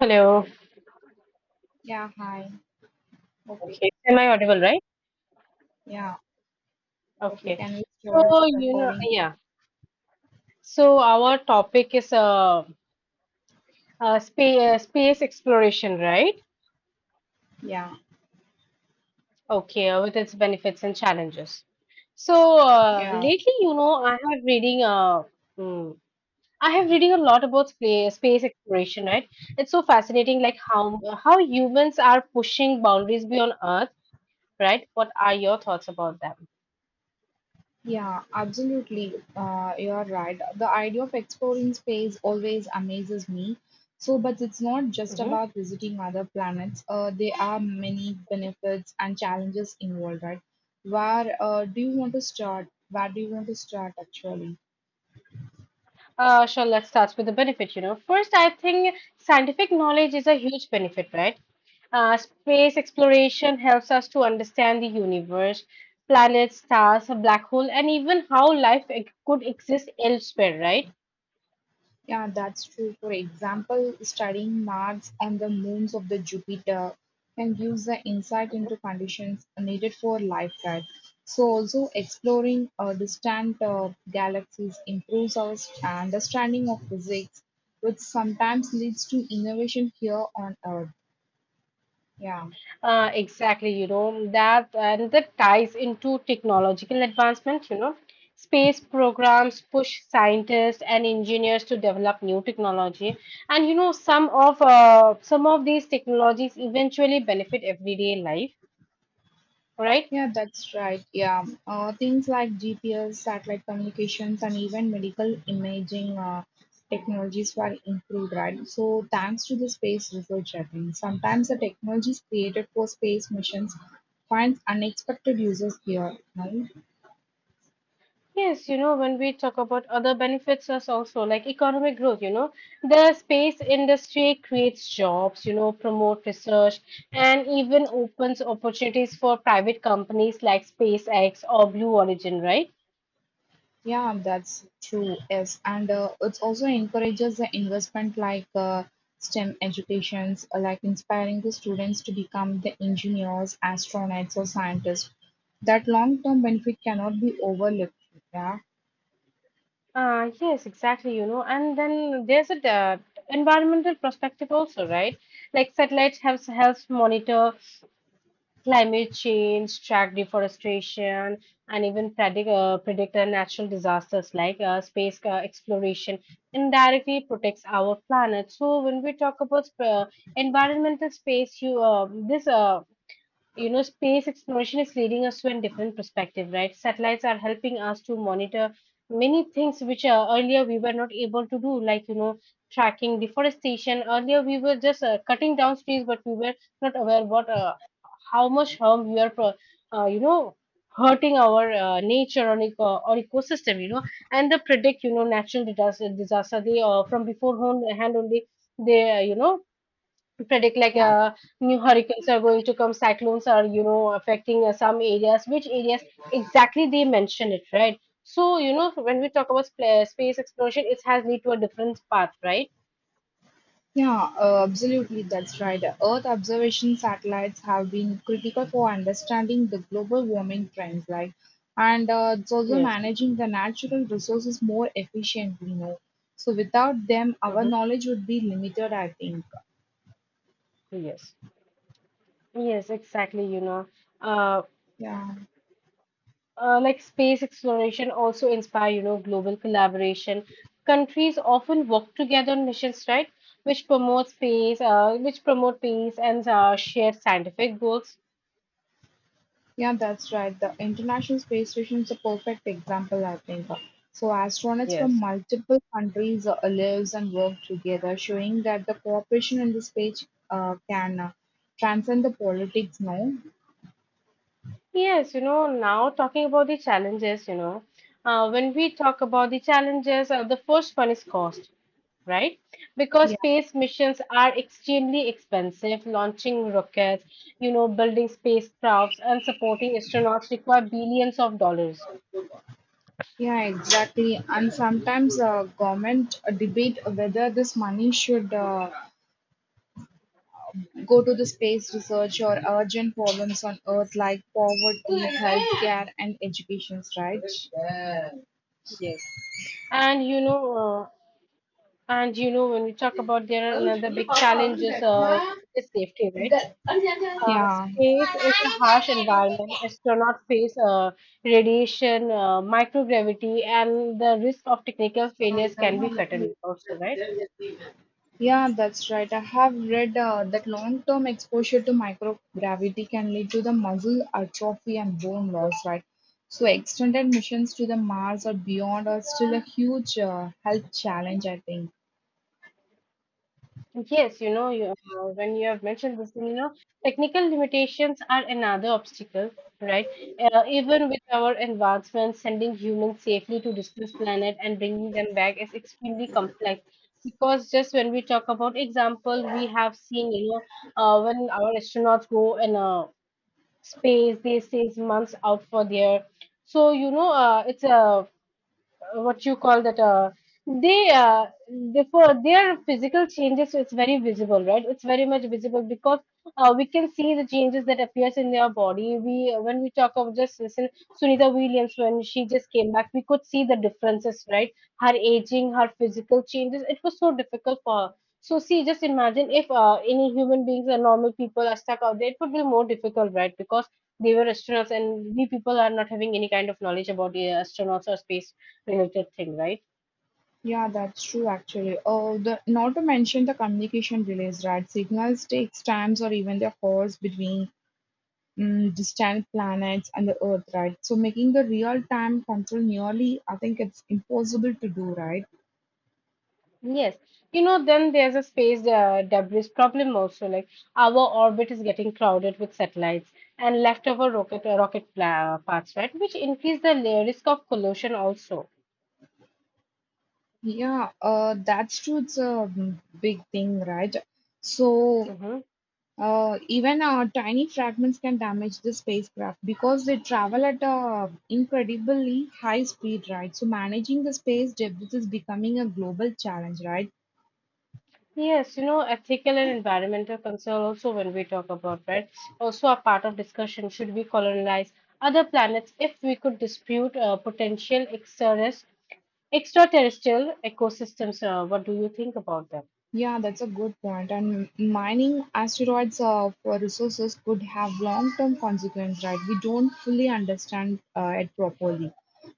Hello. Yeah, hi. Hope it, Okay. Am I audible, right? yeah, hope you Okay. can restore So, the you know, recording. yeah. So our topic is space exploration, right? Yeah, Okay, with its benefits and challenges. So, yeah, lately, you know, I have reading mm, I have reading a lot about space exploration, right? It's so fascinating, like how humans are pushing boundaries beyond Earth, right? What are your thoughts about them? yeah, absolutely. You are right. The idea of exploring space always amazes me. So, but it's not just Mm-hmm. about visiting other planets. There are many benefits and challenges involved, right? Where do you want to start? Where do you want to start actually? Sure, let's start with the benefit. You know, first, I think scientific knowledge is a huge benefit, right? Space exploration helps us to understand the universe, planets, stars, a black hole, and even how could exist elsewhere, right? Yeah, that's true. For example, studying Mars and the moons of the Jupiter can give the insight into conditions needed for life there. So, also exploring distant galaxies improves our understanding of physics, which sometimes leads to innovation here on Earth. Yeah. Exactly, you know, that and that ties into technological advancement, you know. Space programs push scientists and engineers to develop new technology, and you know, some of these technologies eventually benefit everyday life, right? Yeah, that's right. Yeah, things like GPS, satellite communications, and even medical imaging technologies were improved, right? So, thanks to the space research, I think sometimes the technologies created for space missions finds unexpected uses here, no? Yes, you know, when we talk about other benefits as also like economic growth, you know, the space industry creates jobs, you know, promote research and even opens opportunities for private companies like SpaceX or Blue Origin, right? Yeah, that's true. Yes, and it also encourages the investment like STEM educations, like inspiring the students to become the engineers, astronauts, or scientists. That long-term benefit cannot be overlooked. Yeah, Yes, exactly, you know, and then there's a environmental perspective also, right? Like satellites helps monitor climate change, track deforestation, and even predict natural disasters, like space exploration indirectly protects our planet. So when we talk about environmental space, this uh, you know, space exploration is leading us to a different perspective, right? Satellites are helping us to monitor many things which earlier we were not able to do, like you know, tracking deforestation. Earlier we were just cutting down trees, but we were not aware what how much harm we are, you know, hurting our nature or ecosystem, you know, and the predict, you know, natural disaster, they from beforehand only they, you know, predict, like yeah. New hurricanes are going to come, cyclones are, you know, affecting some areas, which areas exactly they mention it, right? So, you know, when we talk about space exploration, it has lead to a different path, right? Yeah, absolutely, that's right. Earth observation satellites have been critical for understanding the global warming trends, like, and it's also Yes. managing the natural resources more efficiently. So without them, our Mm-hmm. knowledge would be limited, I think. Yes. Yes, exactly, you know. Uh, Yeah. Like space exploration also inspire, you know, global collaboration. Countries often work together on missions, right? Which promote space, which promote peace and share scientific goals. Yeah, that's right. The International Space Station is a perfect example, I think. So astronauts from Yes. multiple countries lives and work together, showing that the cooperation in the space can transcend the politics. No, Yes, you know, now talking about the challenges, you know, when we talk about the challenges, the first one is cost, right? Because yeah, space missions are extremely expensive. Launching rockets, you know, building spacecrafts and supporting astronauts require billions of dollars. yeah, exactly. And sometimes government debate whether this money should go to the space research or urgent problems on Earth like poverty, healthcare, and education. Right? Yes, and you know, uh, and you know, when we talk about, there are another big challenges is safety, right? Yeah. Space is a harsh environment. Astronauts face radiation, microgravity, and the risk of technical failures can be fatal also, right? Yeah, that's right. I have read that long-term exposure to microgravity can lead to the muscle atrophy and bone loss, right? So extended missions to the Mars or beyond are still a huge health challenge, I think. Yes, you know, when you have mentioned this thing, you know, technical limitations are another obstacle, right? Even with our advancements, sending humans safely to distant planet and bringing them back is extremely complex. Because just when we talk about example, we have seen, you know, when our astronauts go in space, they stays months out for there. So, you know, it's a what you call that, they therefore their physical changes is very visible, right? It's very much visible, because we can see the changes that appears in their body. We When we talk of, just listen, Sunita Williams, when she just came back, we could see the differences, right? Her aging, her physical changes, it was so difficult for her. So see, just imagine if any human beings or normal people are stuck out there, it would be more difficult, right? Because they were astronauts and we people are not having any kind of knowledge about astronauts or space related thing, right? Yeah, that's true actually. Oh, the not to mention the communication delays, right? Signals takes times or even the hours between distant planets and the Earth, right? So making the real-time control nearly, I think it's impossible to do, right? Yes. You know, then there's a space debris problem also. Like our orbit is getting crowded with satellites and leftover rocket parts, right? Which increase the risk of collision also. Yeah, that's true. It's a big thing, right? So, Hmm. Even tiny fragments can damage the spacecraft because they travel at a incredibly high speed, right? So managing the space debris is becoming a global challenge, right? Yes, you know, ethical and environmental concern also when we talk about, right? Also a part of discussion, should we colonize other planets if we could dispute potential extraterrestrial ecosystems? What do you think about that? Yeah, that's a good point. And mining asteroids for resources could have long-term consequences, right? We don't fully understand it properly.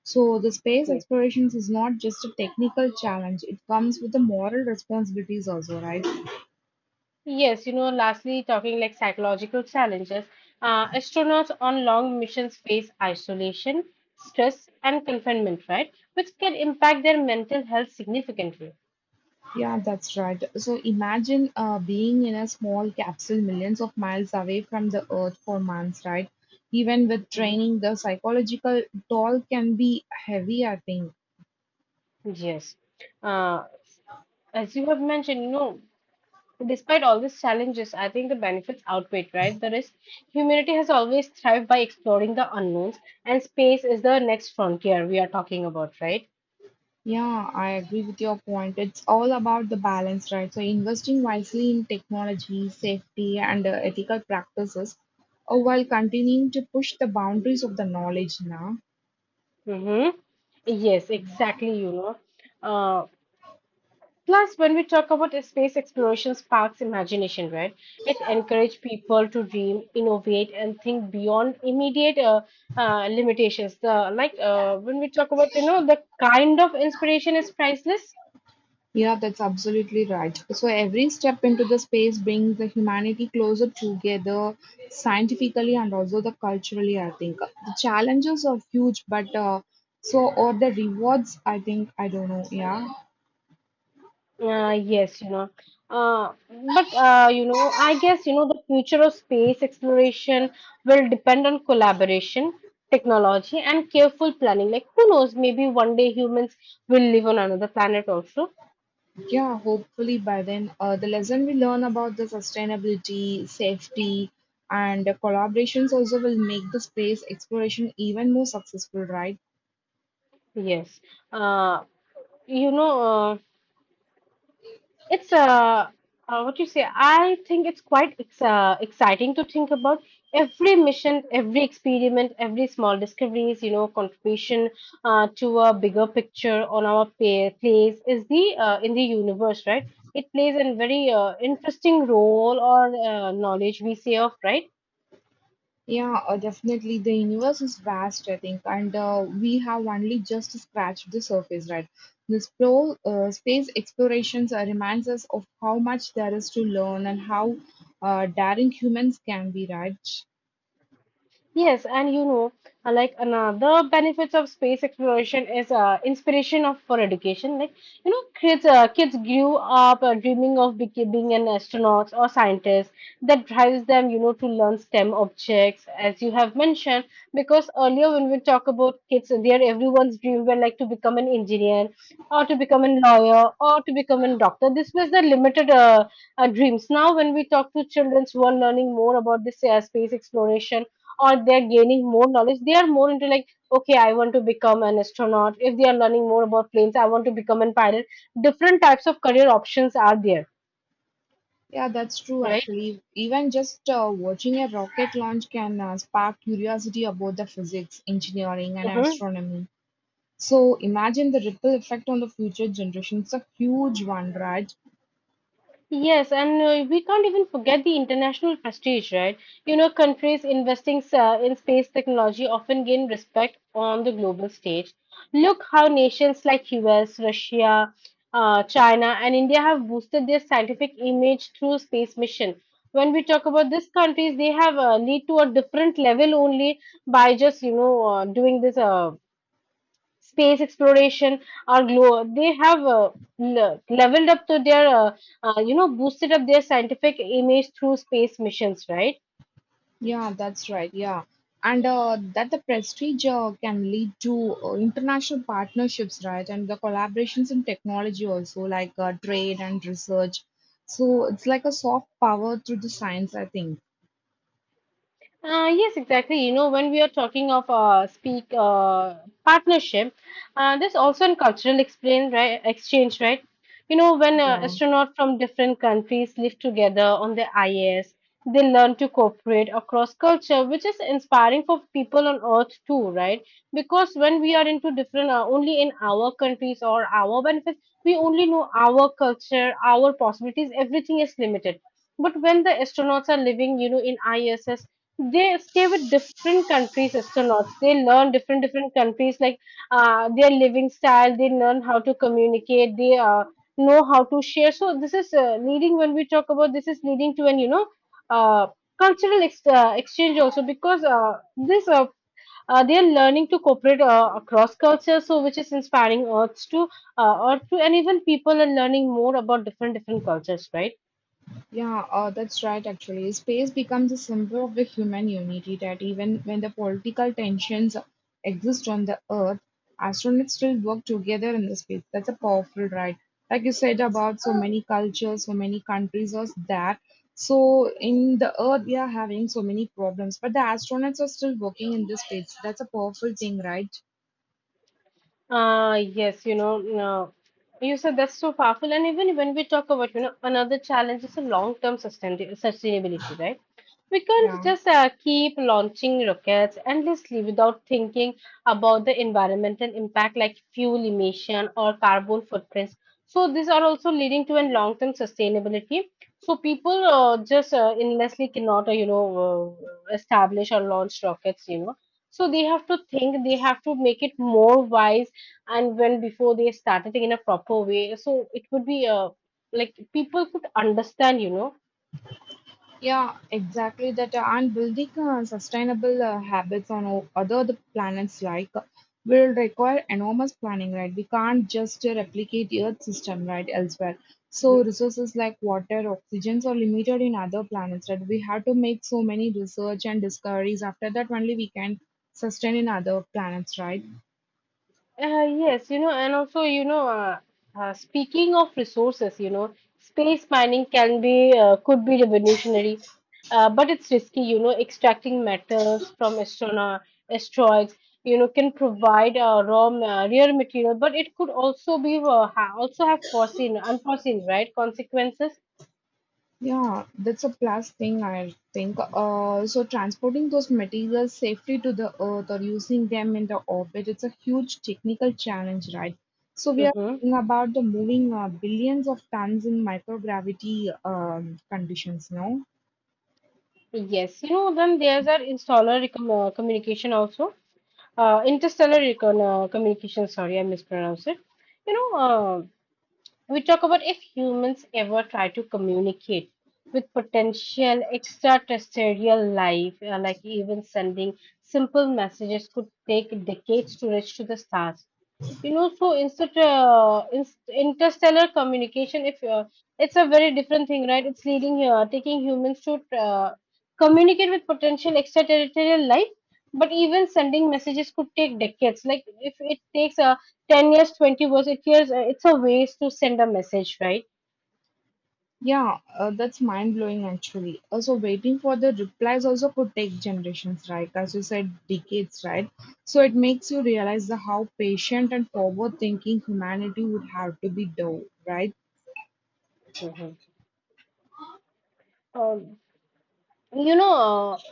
So the space explorations is not just a technical challenge; it comes with the moral responsibilities also, right? Yes, you know, lastly, talking like psychological challenges, astronauts on long missions face isolation, stress, and confinement, right? Which can impact their mental health significantly. Yeah, that's right. So imagine being in a small capsule millions of miles away from the Earth for months, right? Even with Mhm. training, the psychological toll can be heavy, I think. Yes. Uh, as you have mentioned, you know, despite all these challenges, I think the benefits outweigh, right, the risk. Humanity has always thrived by exploring the unknowns, and space is the next frontier we are talking about, right? Yeah, I agree with your point. It's all about the balance, right? So investing wisely in technology, safety, and ethical practices, while continuing to push the boundaries of the knowledge now. Mm-hmm. Yes, exactly, you know. Uh, Plus, when we talk about it, space exploration sparks imagination, right? It encourages people to dream, innovate, and think beyond immediate limitations. The, like when we talk about, you know, the kind of inspiration is priceless. Yeah, that's absolutely right. So every step into the space brings the humanity closer together scientifically and also the culturally, I think. The challenges are huge, but so are the rewards, I think, I don't know. Yeah. Yes, you know. Uh, but, you know, I guess, you know, the future of space exploration will depend on collaboration, technology, and careful planning. Like, who knows, maybe one day humans will live on another planet also. Yeah, hopefully by then, the lesson we learn about the sustainability, safety, and the collaborations also will make the space exploration even more successful, right? Yes. Uh, you know, uh, it's what you say. I think it's quite ex exciting to think about every mission, every experiment, every small discoveries, you know, contribution to a bigger picture on our pa place is the in the universe, right? It plays a very interesting role or knowledge we say of, right? Yeah, definitely. The universe is vast, I think, and we have only just scratched the surface, right? This pro space explorations reminds us of how much there is to learn and how daring humans can be, right? Yes, and you know, like another benefits of space exploration is inspiration of for education. Like you know, kids grew up dreaming of becoming an astronaut or scientist. That drives them, you know, to learn STEM objects, as you have mentioned. Because earlier when we talk about kids, their everyone's dream were like to become an engineer or to become a lawyer or to become a doctor. This was the limited dreams. Now when we talk to children who are learning more about this space exploration or they're gaining more knowledge, they are more into, like, okay, I want to become an astronaut. If they are learning more about planes, I want to become a pilot. Different types of career options are there, Yeah, that's true, right? actually. Even just watching a rocket launch can spark curiosity about the physics, engineering, and Hmm. astronomy. So imagine the ripple effect on the future generations. It's a huge one, right? Yes, and we can't even forget the international prestige, right? You know, countries investing in space technology often gain respect on the global stage. Look how nations like US, Russia, China, and India have boosted their scientific image through space mission. When we talk about these countries, they have lead to a different level only by just, you know, doing this space exploration or they have leveled up to their you know, boosted up their scientific image through space missions, right? Yeah, that's right. Yeah. And that the prestige can lead to international partnerships, right? And the collaborations in technology also, like trade and research. So it's like a soft power through the science, I think. Yes, exactly. You know, when we are talking of speak partnership, there's also an cultural explain, right, exchange, right? You know, when Yeah. astronauts from different countries live together on the IS, they learn to cooperate across culture, which is inspiring for people on Earth too, right? Because when we are into different, only in our countries or our benefits, we only know our culture, our possibilities, everything is limited. But when the astronauts are living, you know, in ISS, they stay with different countries astronauts, they learn different countries, like their living style, they learn how to communicate, they know how to share. So this is leading, when we talk about, this is leading to an, you know, uh, cultural exchange also, because this they are learning to cooperate across cultures, so which is inspiring earth to, and even people are learning more about different cultures, right? Yeah, that's right, actually. Space becomes a symbol of the human unity that even when the political tensions exist on the Earth, astronauts still work together in the space. That's a powerful right. Like you said about so many cultures, so many countries, was that. So in the Earth, we are having so many problems, but the astronauts are still working in this space. That's a powerful thing, right? Yes, you know, no. You said that's so powerful. And even when we talk about, you know, another challenge is a long-term sustainability, right? We can't Yeah. just keep launching rockets endlessly without thinking about the environmental impact, like fuel emission or carbon footprints. So these are also leading to a long-term sustainability. So people just endlessly cannot, you know, establish or launch rockets, you know. So they have to think, they have to make it more wise, and when before they started in a proper way, so it would be like people could understand, you know. Yeah, exactly that. And building sustainable habits on other the planets like will require enormous planning, right? We can't just replicate Earth system, right, elsewhere. Mhm. So resources like water, oxygens are limited in other planets, right? We have to make so many research and discoveries. After that, only we can sustain in other planets, right? Yes, you know, and also, you know, speaking of resources, you know, space mining can be, could be revolutionary, but it's risky. You know, extracting metals from astronaut asteroids, you know, can provide rare material, but it could also be ha also have foreseen unforeseen, right, consequences. Yeah, that's a plus thing, I think. So transporting those materials safely to the Earth or using them in the orbit, it's a huge technical challenge, right? So we are Mm-hmm. talking about the moving billions of tons in microgravity conditions, no? Yes, you know, then there's communication also. Interstellar communication, sorry, I mispronounced it. You know, uh, we talk about if humans ever try to communicate with potential extraterrestrial life, like even sending simple messages could take decades to reach to the stars, you know. So interstellar communication, if it's a very different thing, right? It's leading taking humans to uh, communicate with potential extraterrestrial life, but even sending messages could take decades. Like if it takes 10 years, 20 years, it's a waste to send a message, right? Yeah, that's mind-blowing actually. Also, waiting for the replies also could take generations, right? As you said, decades, right? So it makes you realize the how patient and forward-thinking humanity would have to be, though, right? Hmm. You know,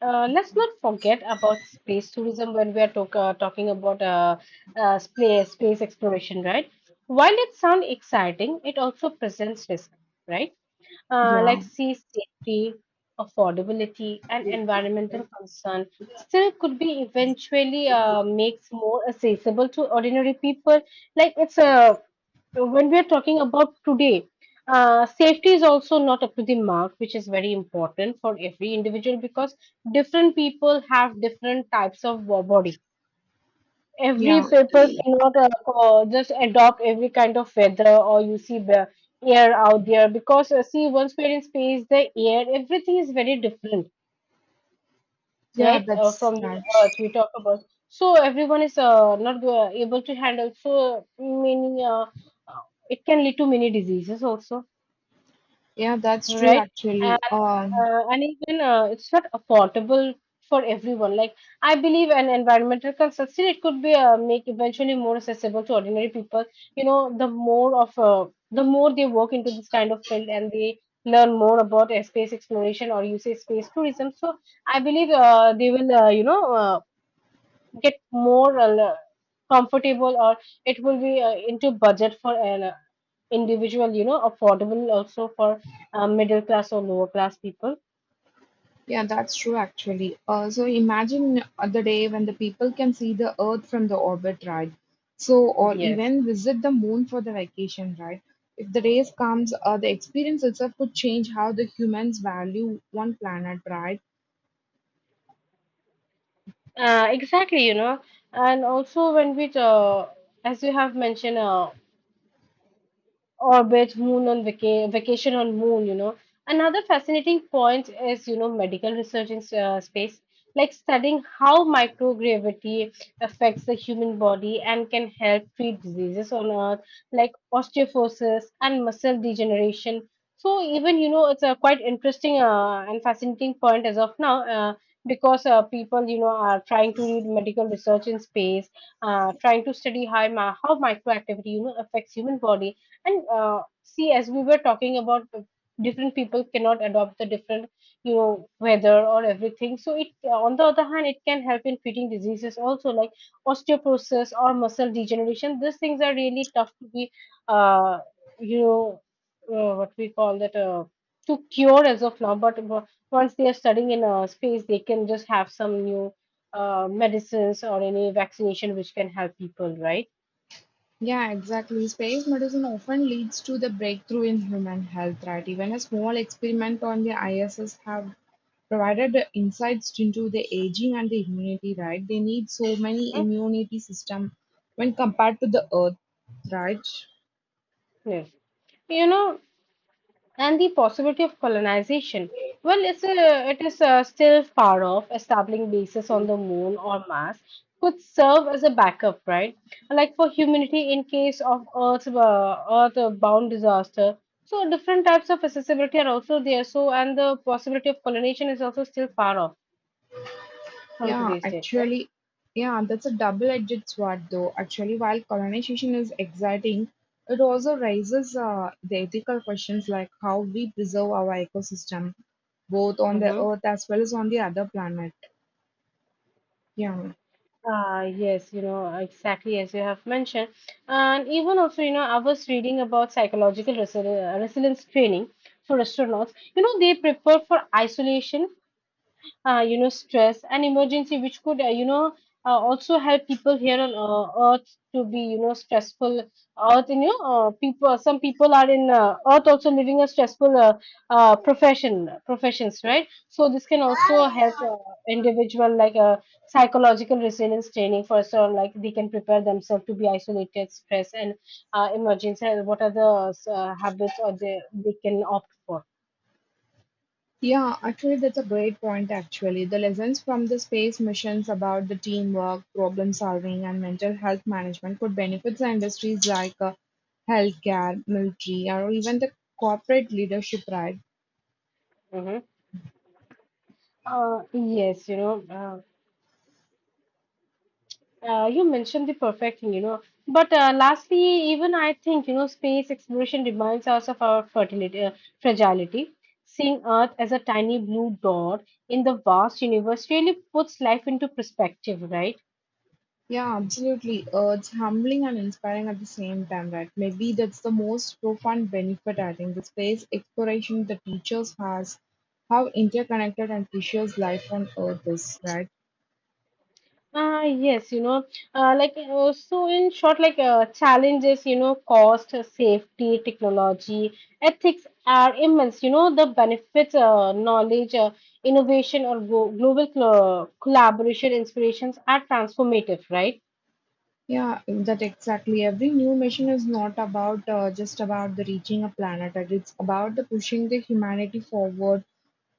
let's not forget about space tourism when we are talking about space exploration, right? While it sounds exciting, it also presents risk, right? Yeah, Like sea safety, affordability, and environmental concern still could be eventually makes more accessible to ordinary people. Like it's a, when we are talking about today, safety is also not up to the mark, which is very important for every individual, because different people have different types of body. Every yeah, paper cannot just adopt every kind of weather, or you see the air out there, because see, once we're in space the air, everything is very different, yeah, right? That's From the right. earth we talk about, so everyone is not go- able to handle so many uh, it can lead to many diseases also, Yeah, that's true right? And actually. Um, and even it's not affordable for everyone. Like I believe an environmental consultancy, it could be make eventually more accessible to ordinary people. You know, the more they work into this kind of field and they learn more about space exploration, or you say space tourism. So I believe they will, get more comfortable, or it will be into budget for an individual, you know, affordable also for middle class or lower class people. yeah, that's true actually. So imagine the day when the people can see the Earth from the orbit, right? So, or Yes. even visit the moon for the vacation, right? If the days comes, the experience itself could change how the humans value one planet, right? Exactly, you know. And also when we as you have mentioned, orbit, moon on vacation on moon, you know. Another fascinating point is, you know, medical research in space, like studying how microgravity affects the human body and can help treat diseases on Earth, like osteoporosis and muscle degeneration. So even, you know, it's a quite interesting and fascinating point as of now, because people, you know, are trying to read medical research in space, trying to study how, microactivity, you know, affects human body. And see, as we were talking about, different people cannot adopt the different, you know, weather or everything. So on the other hand, it can help in treating diseases also, like osteoporosis or muscle degeneration. These things are really tough to be, uh, you know, what we call that, to cure as of now. Once they are studying in a space, they can just have some new medicines or any vaccination which can help people, right? Yeah, exactly. Space medicine often leads to the breakthrough in human health, right? Even a small experiment on the ISS have provided the insights into the aging and the immunity, right? They need so many Mhm. immunity system when compared to the Earth, right? Yes. You know, and the possibility of colonization. Well, it is still far off. Establishing bases on the moon or Mars could serve as a backup, right? Like for humanity in case of Earth-bound disaster. So different types of accessibility are also there. So and the possibility of colonization is also still far off from Yeah, today's date, right? actually, yeah, that's a double-edged sword, though. Actually, while colonization is exciting, it also raises the ethical questions like how we preserve our ecosystem, both on the Hmm. Earth as well as on the other planet. Yeah. Ah, yes, you know, exactly as you have mentioned. And even also, you know, I was reading about resilience training for astronauts. You know, they prepare for isolation, stress and emergency, which could, also help people here on earth to be, you know, stressful earth, you know. People, some people are in earth also living a stressful professions, right? So this can also help individual, like psychological resilience training for sure. Like they can prepare themselves to be isolated stress and emergency, and what are the habits or they can opt for. Yeah, actually, that's a great point. Actually, the lessons from the space missions about the teamwork, problem solving, and mental health management could benefit the industries like healthcare, military, or even the corporate leadership, right? Hmm. Yes, you know. You mentioned the perfect thing, you know. But lastly, even I think, you know, space exploration reminds us of our fragility. Seeing Earth as a tiny blue dot in the vast universe really puts life into perspective, right? Yeah, absolutely. It's humbling and inspiring at the same time, right? Maybe that's the most profound benefit, I think. The space exploration that teachers has, how interconnected and precious life on Earth is, right? Ah, yes, you know, so in short, like challenges, you know, cost, safety, technology, ethics are immense. You know, the benefits, knowledge, innovation, or go global collaboration, inspirations are transformative, right? Yeah, that exactly. Every new mission is not about just about the reaching a planet, right? It's about the pushing the humanity forward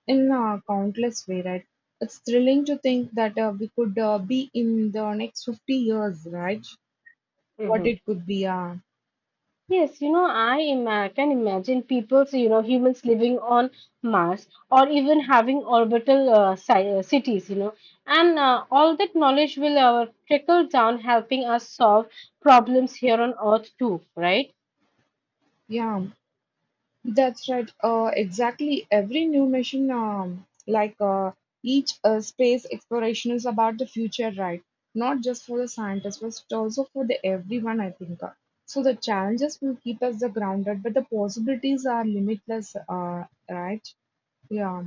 in a countless way, right? It's thrilling to think that we could be in the next 50 years, right? What Mm-hmm. it could be, Yes, you know, can imagine people, so, you know, humans living on Mars, or even having orbital cities, you know, and all that knowledge will trickle down, helping us solve problems here on Earth too, right? yeah. That's right. Exactly. Every new mission, like each space exploration, is about the future, right? Not just for the scientists, but also for the everyone. I think. So the challenges will keep us the grounded, but the possibilities are limitless. Right? Yeah.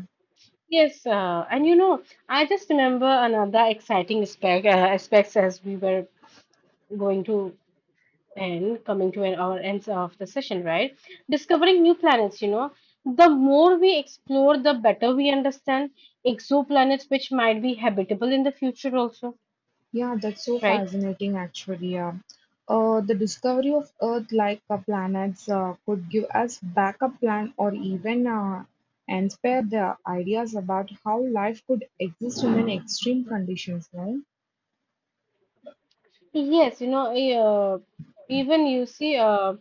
Yes, and you know, I just remember another exciting aspects as we were going to and coming to an our ends of the session, right? Discovering new planets, you know, the more we explore, the better we understand exoplanets, which might be habitable in the future, also, Yeah, that's so right? fascinating actually. The discovery of Earth like planets could give us backup plan or even inspire the ideas about how life could exist in an extreme conditions, no? Yes, you know, even you see, uh,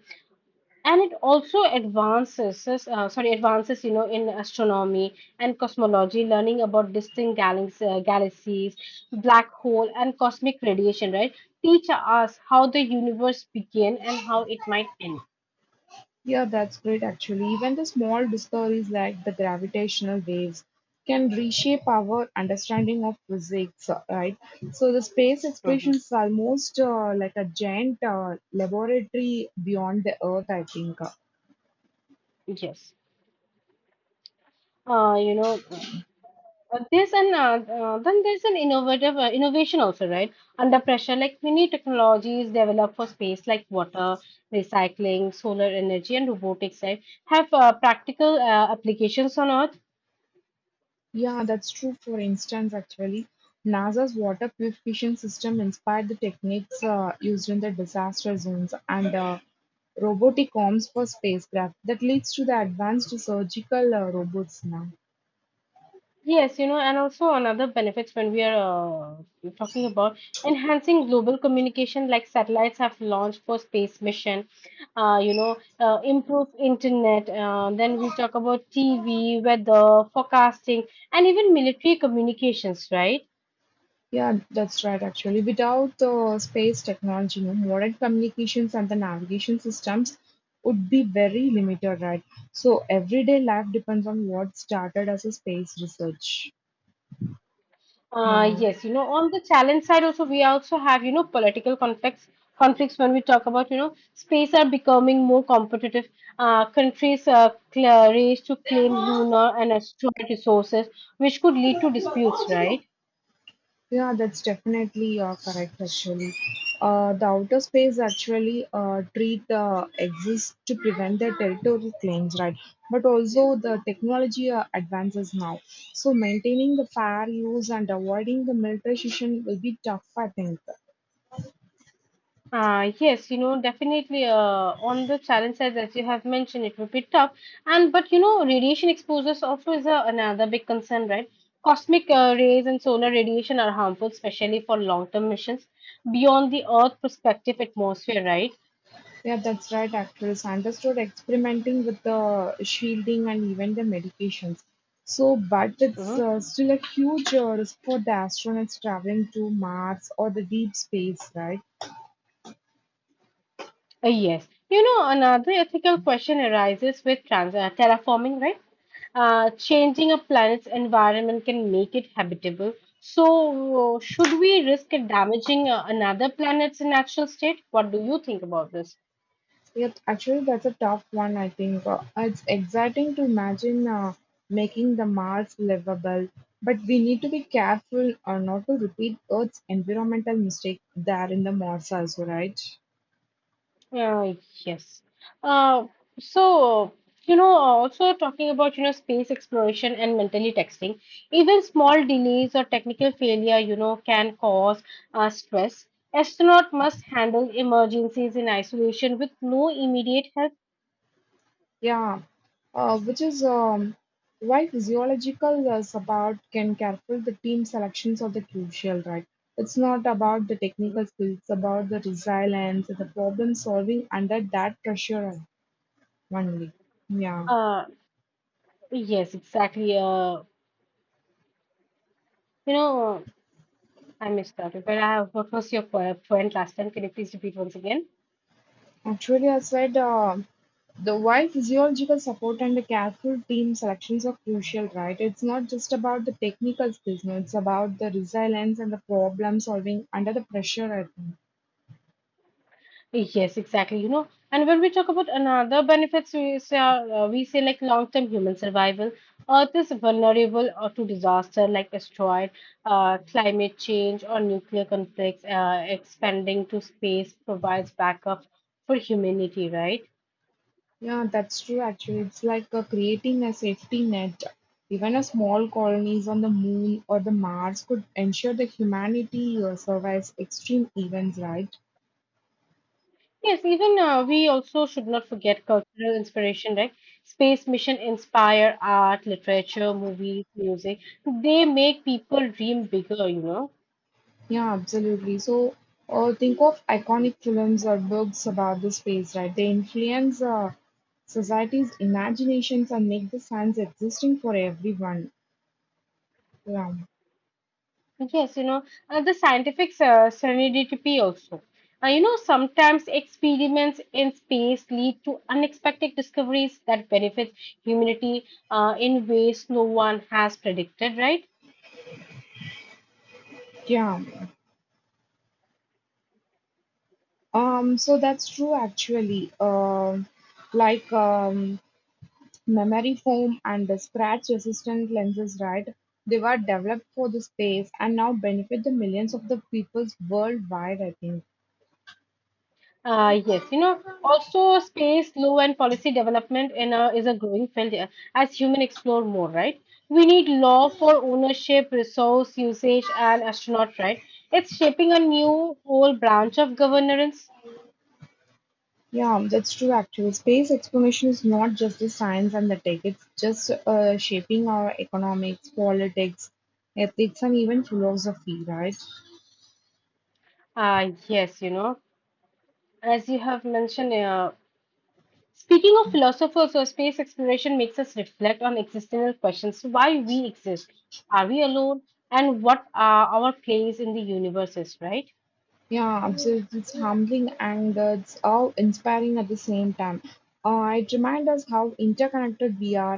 and it also advances, you know, in astronomy and cosmology, learning about distant galaxies, black hole, and cosmic radiation, right? Teach us how the universe began and how it might end. Yeah, that's great actually. Even the small discoveries like the gravitational waves can reshape our understanding of physics, right? So the space Mhm. explorations are almost like a giant laboratory beyond the Earth, I think. Yes. You know, there's an Then there's an innovative innovation also, right? Under pressure, like many technologies developed for space, like water recycling, solar energy, and robotics, right, have practical applications on Earth. Yeah, that's true. For instance, actually, NASA's water purification system inspired the techniques used in the disaster zones and robotic arms for spacecraft. That leads to the advanced surgical robots now. Yes, you know, and also another benefits when we are talking about enhancing global communication, like satellites have launched for space mission, improve internet. Then we talk about TV, weather, forecasting, and even military communications, right? Yeah, that's right, actually. Without space technology, modern communications and the navigation systems would be very limited, right? So, everyday life depends on what started as a space research. Yeah. Yes, you know, on the challenge side also, we also have, you know, political conflicts. Conflicts when we talk about, you know, space are becoming more competitive. Countries race to claim lunar and asteroid resources, which could lead to disputes, right? Yeah, that's definitely correct, actually. The outer space actually treat exists to prevent the territorial claims, right? But also the technology advances now. So maintaining the fair use and avoiding the militarization will be tough, I think. Yes, you know, definitely on the challenge side as you have mentioned, it would be tough. And but you know, radiation exposures also is another big concern, right? Cosmic rays and solar radiation are harmful, especially for long-term missions beyond the Earth prospective atmosphere, right? Yeah, that's right, actually. Sanders started experimenting with the shielding and even the medications. So, but it's Mhm. Still a huge risk for the astronauts traveling to Mars or the deep space, right? Yes. You know, another ethical question arises with trans terraforming, right? Changing a planet's environment can make it habitable. So, should we risk damaging another planet's natural state? What do you think about this? Yeah, actually, that's a tough one, I think. It's exciting to imagine making the Mars livable, but we need to be careful not to repeat Earth's environmental mistake there in the Mars also, right? Uh, yes. Uh, so, Also talking about, you know, space exploration and mentally texting, even small delays or technical failure, you know, can cause stress. Astronaut must handle emergencies in isolation with no immediate help. Yeah, which is why physiological support can careful the team selections of the crucial, right? It's not about the technical skills, it's about the resilience, the problem solving under that pressure only. Yeah. Uh, yes, exactly. You know, I missed out. But I, what was your point last time? Can you please repeat once again? Actually, I said the why physiological support and the careful team selections are crucial, right? It's not just about the technical skills, no, it's about the resilience and the problem solving under the pressure, I think. Yes, exactly. You know, and when we talk about another benefits, we say, like, long-term human survival. Earth is vulnerable to disaster like asteroid, climate change, or nuclear conflicts. Expanding to space provides backup for humanity, right? Yeah, that's true, actually. It's like creating a safety net. Even a small colonies on the moon or the Mars could ensure that humanity survives extreme events, right? Yes, even we also should not forget cultural inspiration, right? Space mission inspire art, literature, movies, music. They make people dream bigger, you know. Yeah, absolutely. So, think of iconic films or books about the space, right? They influence society's imaginations and make the science existing for everyone. Yeah. Yes, you know, the scientific serendipity also. You know, sometimes experiments in space lead to unexpected discoveries that benefit humanity in ways no one has predicted, right? Yeah. So that's true actually. Like memory foam and the scratch resistant lenses, right? They were developed for the space and now benefit the millions of the peoples worldwide, I think. Yes, you know, also space law and policy development is a growing field as human explore more, right? We need law for ownership, resource usage, and astronaut, right? It's shaping a new whole branch of governance. Yeah, that's true actually. Space exploration is not just the science and the tech, it's just shaping our economics, politics, ethics, and even philosophy, right? Yes, you know. As you have mentioned, speaking of philosophers, so space exploration makes us reflect on existential questions. So why we exist, are we alone, and what are our place in the universe is, right? Yeah, absolutely. It's humbling and it's all inspiring at the same time. It reminds us how interconnected we are and